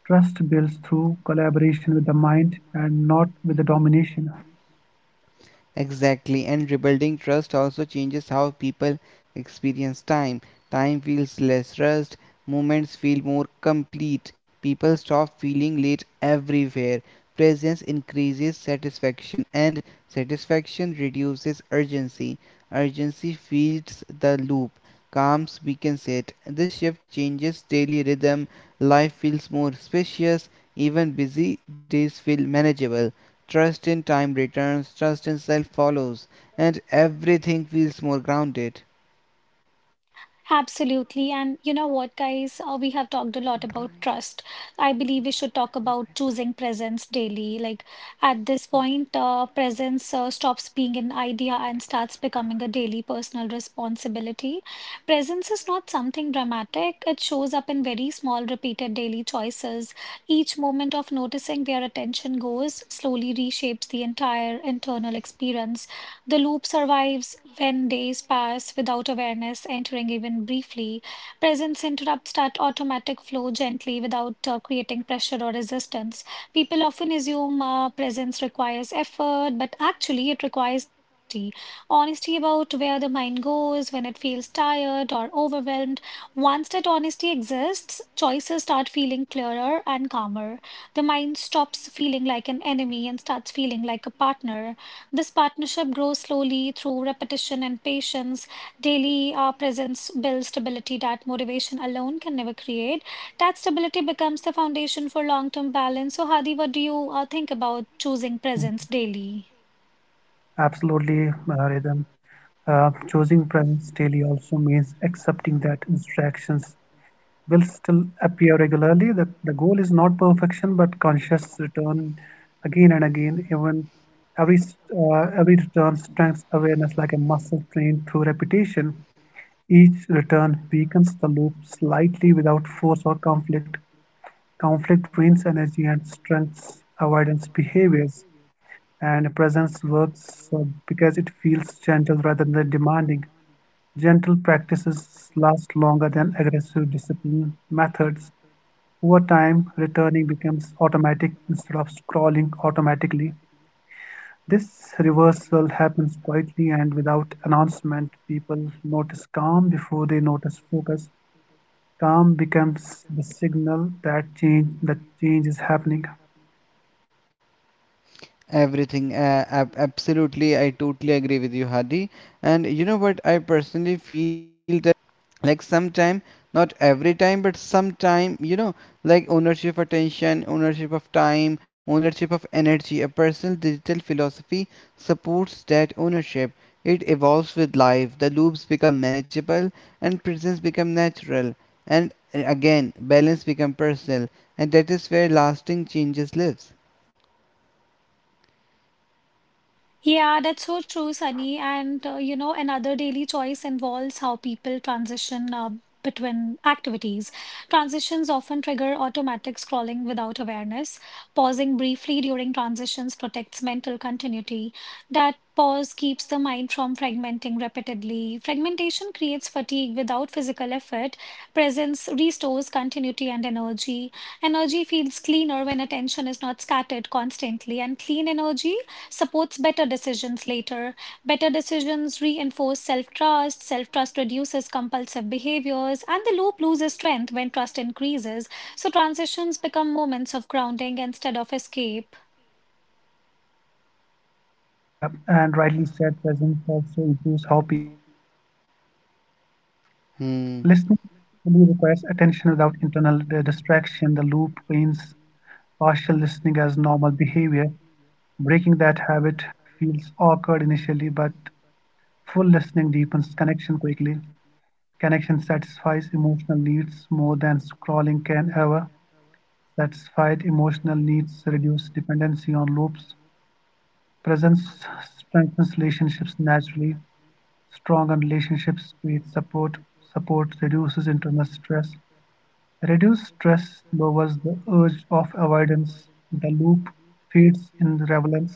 S3: trust builds through collaboration with the mind and not with the domination.
S2: Exactly, and rebuilding trust also changes how people experience time. Time feels less rushed, moments feel more complete. People stop feeling late everywhere. Presence increases satisfaction, and satisfaction reduces urgency. Urgency feeds the loop, calms weakens it. This shift changes daily rhythm. Life feels more spacious, even busy days feel manageable. Trust in time returns, trust in self follows, and everything feels more grounded.
S1: Absolutely. And you know what, guys? Uh, we have talked a lot about trust. I believe we should talk about choosing presence daily. Like at this point, uh, presence uh, stops being an idea and starts becoming a daily personal responsibility. Presence is not something dramatic, it shows up in very small, repeated daily choices. Each moment of noticing where attention goes slowly reshapes the entire internal experience. The loop survives when days pass without awareness entering even briefly. Presence interrupts that automatic flow gently without uh, creating pressure or resistance. People often assume uh, presence requires effort, but actually, it requires honesty honesty about where the mind goes when it feels tired or overwhelmed. Once that honesty exists, choices start feeling clearer and calmer. The mind stops feeling like an enemy and starts feeling like a partner this partnership grows slowly through repetition and patience. Daily uh, presence builds stability that motivation alone can never create. That stability becomes the foundation for long term balance. So, Hadi, what do you uh, think about choosing presence daily?
S3: Absolutely, uh, Rhythm. Uh, choosing presence daily also means accepting that distractions will still appear regularly, that the goal is not perfection, but conscious return again and again. Even every uh, every return strengthens awareness like a muscle trained through repetition. Each return weakens the loop slightly without force or conflict. Conflict drains energy and strengthens avoidance behaviors, and presence works uh, because it feels gentle rather than demanding. Gentle practices last longer than aggressive discipline methods. Over time, returning becomes automatic instead of scrolling automatically. This reversal happens quietly and without announcement. People notice calm before they notice focus. Calm becomes the signal that change that change is happening.
S2: Everything, uh, ab- absolutely. I totally agree with you, Hadi. And you know what? I personally feel that, like, sometime, not every time, but sometime, you know, like, ownership of attention, ownership of time, ownership of energy. A personal digital philosophy supports that ownership. It evolves with life, the loops become manageable and presence become natural, and uh, again balance become personal, and that is where lasting changes lives.
S1: Yeah, that's so true, Sunny. And uh, you know, another daily choice involves how people transition uh, between activities. Transitions often trigger automatic scrolling without awareness. Pausing briefly during transitions protects mental continuity. That pause keeps the mind from fragmenting repeatedly. Fragmentation creates fatigue without physical effort. Presence restores continuity and energy. Energy feels cleaner when attention is not scattered constantly, and clean energy supports better decisions later. Better decisions reinforce self trust, self trust reduces compulsive behaviors, and the loop loses strength when trust increases. So transitions become moments of grounding instead of escape.
S3: Hmm. Yeah, and rightly said, presence also improves how people listen during conversations. Listening
S2: Hmm.
S3: really requires attention without internal uh, distraction. The loop trains partial listening as normal behavior. Breaking that habit feels awkward initially, but full listening deepens connection quickly. Connection satisfies emotional needs more than scrolling can ever. Satisfied emotional needs reduce dependency on loops. Presence strengthens relationships naturally. Stronger relationships create support. Support reduces internal stress. Reduced stress lowers the urge of avoidance. The loop feeds in relevance.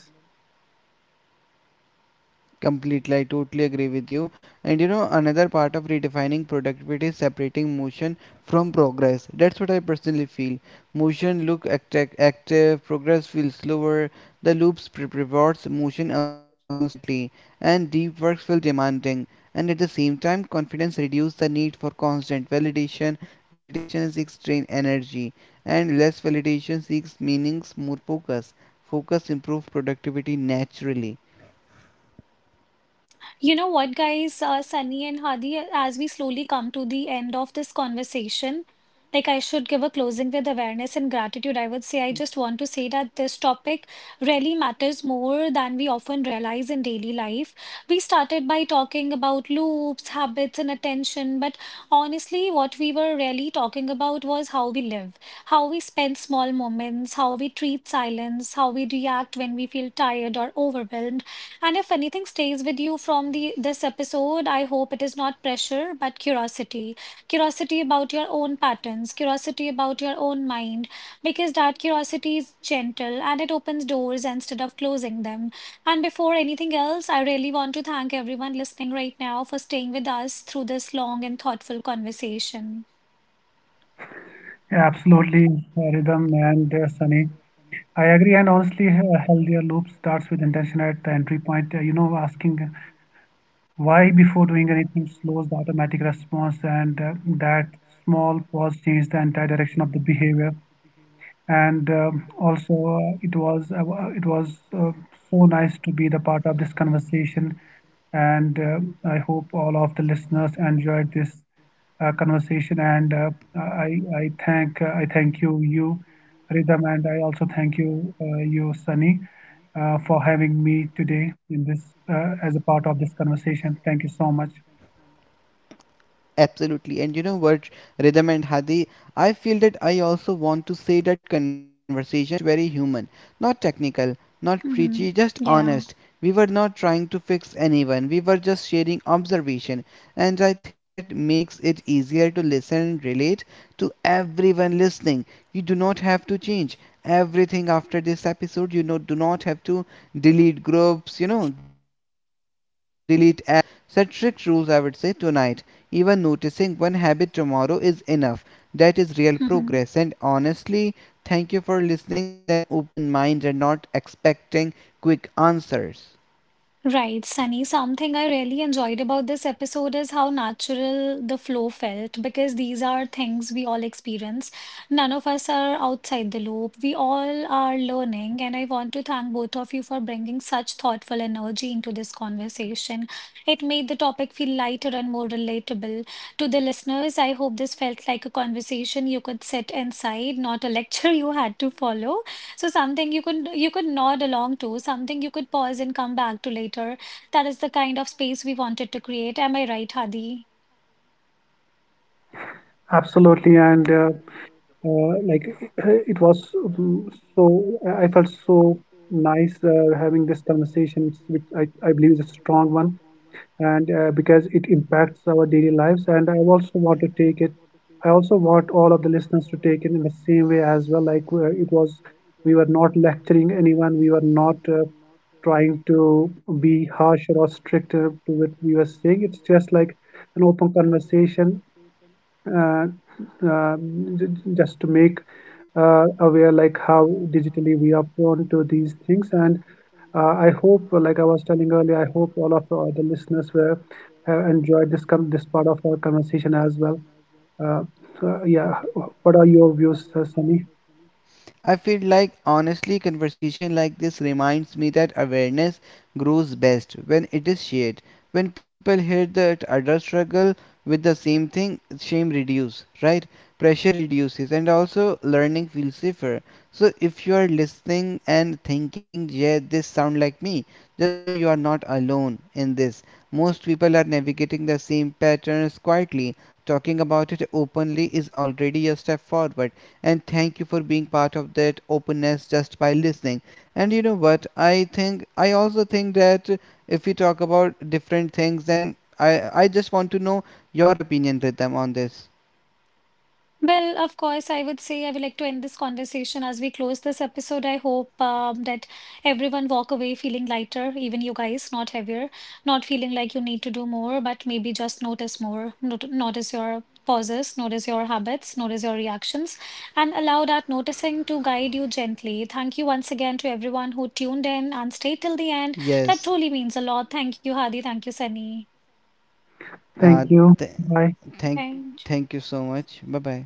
S2: Completely, I totally agree with you. And you know, another part of redefining productivity is separating motion from progress. That's what I personally feel. Motion look acti- active, progress feels slower, the loops pre- rewards motion uh, constantly, and deep works feel demanding. And at the same time, confidence reduces the need for constant validation. Validation seeks strain energy, and less validation seeks meanings, more focus. Focus improves productivity naturally.
S1: You know what, guys, uh, Sunny and Hadi, as we slowly come to the end of this conversation, like I should give a closing with awareness and gratitude. I would say I just want to say that this topic really matters more than we often realize in daily life. We started by talking about loops, habits, and attention, but honestly, what we were really talking about was how we live, how we spend small moments, how we treat silence, how we react when we feel tired or overwhelmed and if anything stays with you from the this episode, I hope it is not pressure, but curiosity. Curiosity about your own patterns, curiosity about your own mind, because that curiosity is gentle and it opens doors instead of closing them. And before anything else, I really want to thank everyone listening right now for staying with us through this long and thoughtful conversation.
S3: Absolutely, uh, Rhythm and uh, Sunny. I agree, and honestly, a healthier loop starts with intention at the entry point. Uh, You know, asking why before doing anything slows the automatic response, and uh, that small pause changes the entire direction of the behavior. And um, also, uh, it was uh, uh, it was uh, so nice to be the part of this conversation. And uh, I hope all of the listeners enjoyed this uh, conversation. And uh, i i thank uh, I thank you you Rhythm, and I also thank you, uh, you Sunny, uh, for having me today in this, uh, as a part of this conversation. Thank you so much.
S2: Absolutely. And you know what, Rhythm and Hadi, I feel that I also want to say that conversation felt very human, not technical, not
S1: Hmm.
S2: preachy, just
S1: Yeah.
S2: honest. We were not trying to fix anyone, we were just sharing observation. And I think that makes it easier to listen and relate to everyone listening. You do not have to change everything after this episode. You know, do not have to delete groups, you know, delete apps or set rules, set strict rules, I would say, tonight. Even noticing one habit tomorrow is enough. That is real
S1: Hmm.
S2: progress. And honestly, thank you for listening with an open mind and not expecting quick answers.
S1: Right, Sunny. Something I really enjoyed about this episode is how natural the flow felt because these are things we all experience. None of us are outside the loop. We all are learning, and I want to thank both of you for bringing such thoughtful energy into this conversation. It made the topic feel lighter and more relatable. To the listeners, I hope this felt like a conversation you could sit inside, not a (laughs) lecture you had to follow. So something you could you could nod along to, something you could pause and come back to later. That is the kind of space we wanted to create. Am I right, Hadi?
S3: Absolutely. And uh, uh, like, (clears throat) it was, um, so I I felt so nice uh, having this conversation, which, which I, I believe is a one. And uh, because it impacts our daily lives, and I also want to take it, I also want all of the listeners to take it in the same way as well. Like, uh, it was, we were not lecturing anyone, we were not uh, trying to be harsh or strict uh, to what we were saying. It's just like an open conversation. Uh, uh, j- j- just to make uh, aware like how digitally we are prone to these things. And uh, I hope, uh, like I was telling earlier, I hope all of uh, the listeners were, have enjoyed this com- this part of our conversation as well. uh, so, yeah, what are your views, uh, Sunny?
S2: I feel like honestly conversation like this reminds me that awareness grows best when it is shared. When people hear that others struggle with the same thing, shame reduces, right? Pressure reduces and also learning feels safer. So if you are listening and thinking, yeah, this sound like me, just know you are not alone in this. Most people are navigating the same patterns quietly. Talking about it openly is already a step forward, and thank you for being part of that openness just by listening and you know what, i think i also think that if we talk about different things, then i i just want to know your opinion, Ritam, on this.
S1: Well, of course, I would say I would like to end this conversation as we close this episode. I hope um, that everyone walk away feeling lighter, even you guys, not heavier, not feeling like you need to do more, but maybe just notice more, not- notice your pauses, notice your habits, notice your reactions, and allow that noticing to guide you gently. Thank you once again to everyone who tuned in and stayed till the end. That
S2: Yes.
S1: truly means a lot. Thank you, Hadi. Thank you, Sunny.
S2: Uh,
S3: Thank you.
S2: th-
S3: Bye.
S2: thank
S1: Bye.
S2: thank you so much. Bye bye.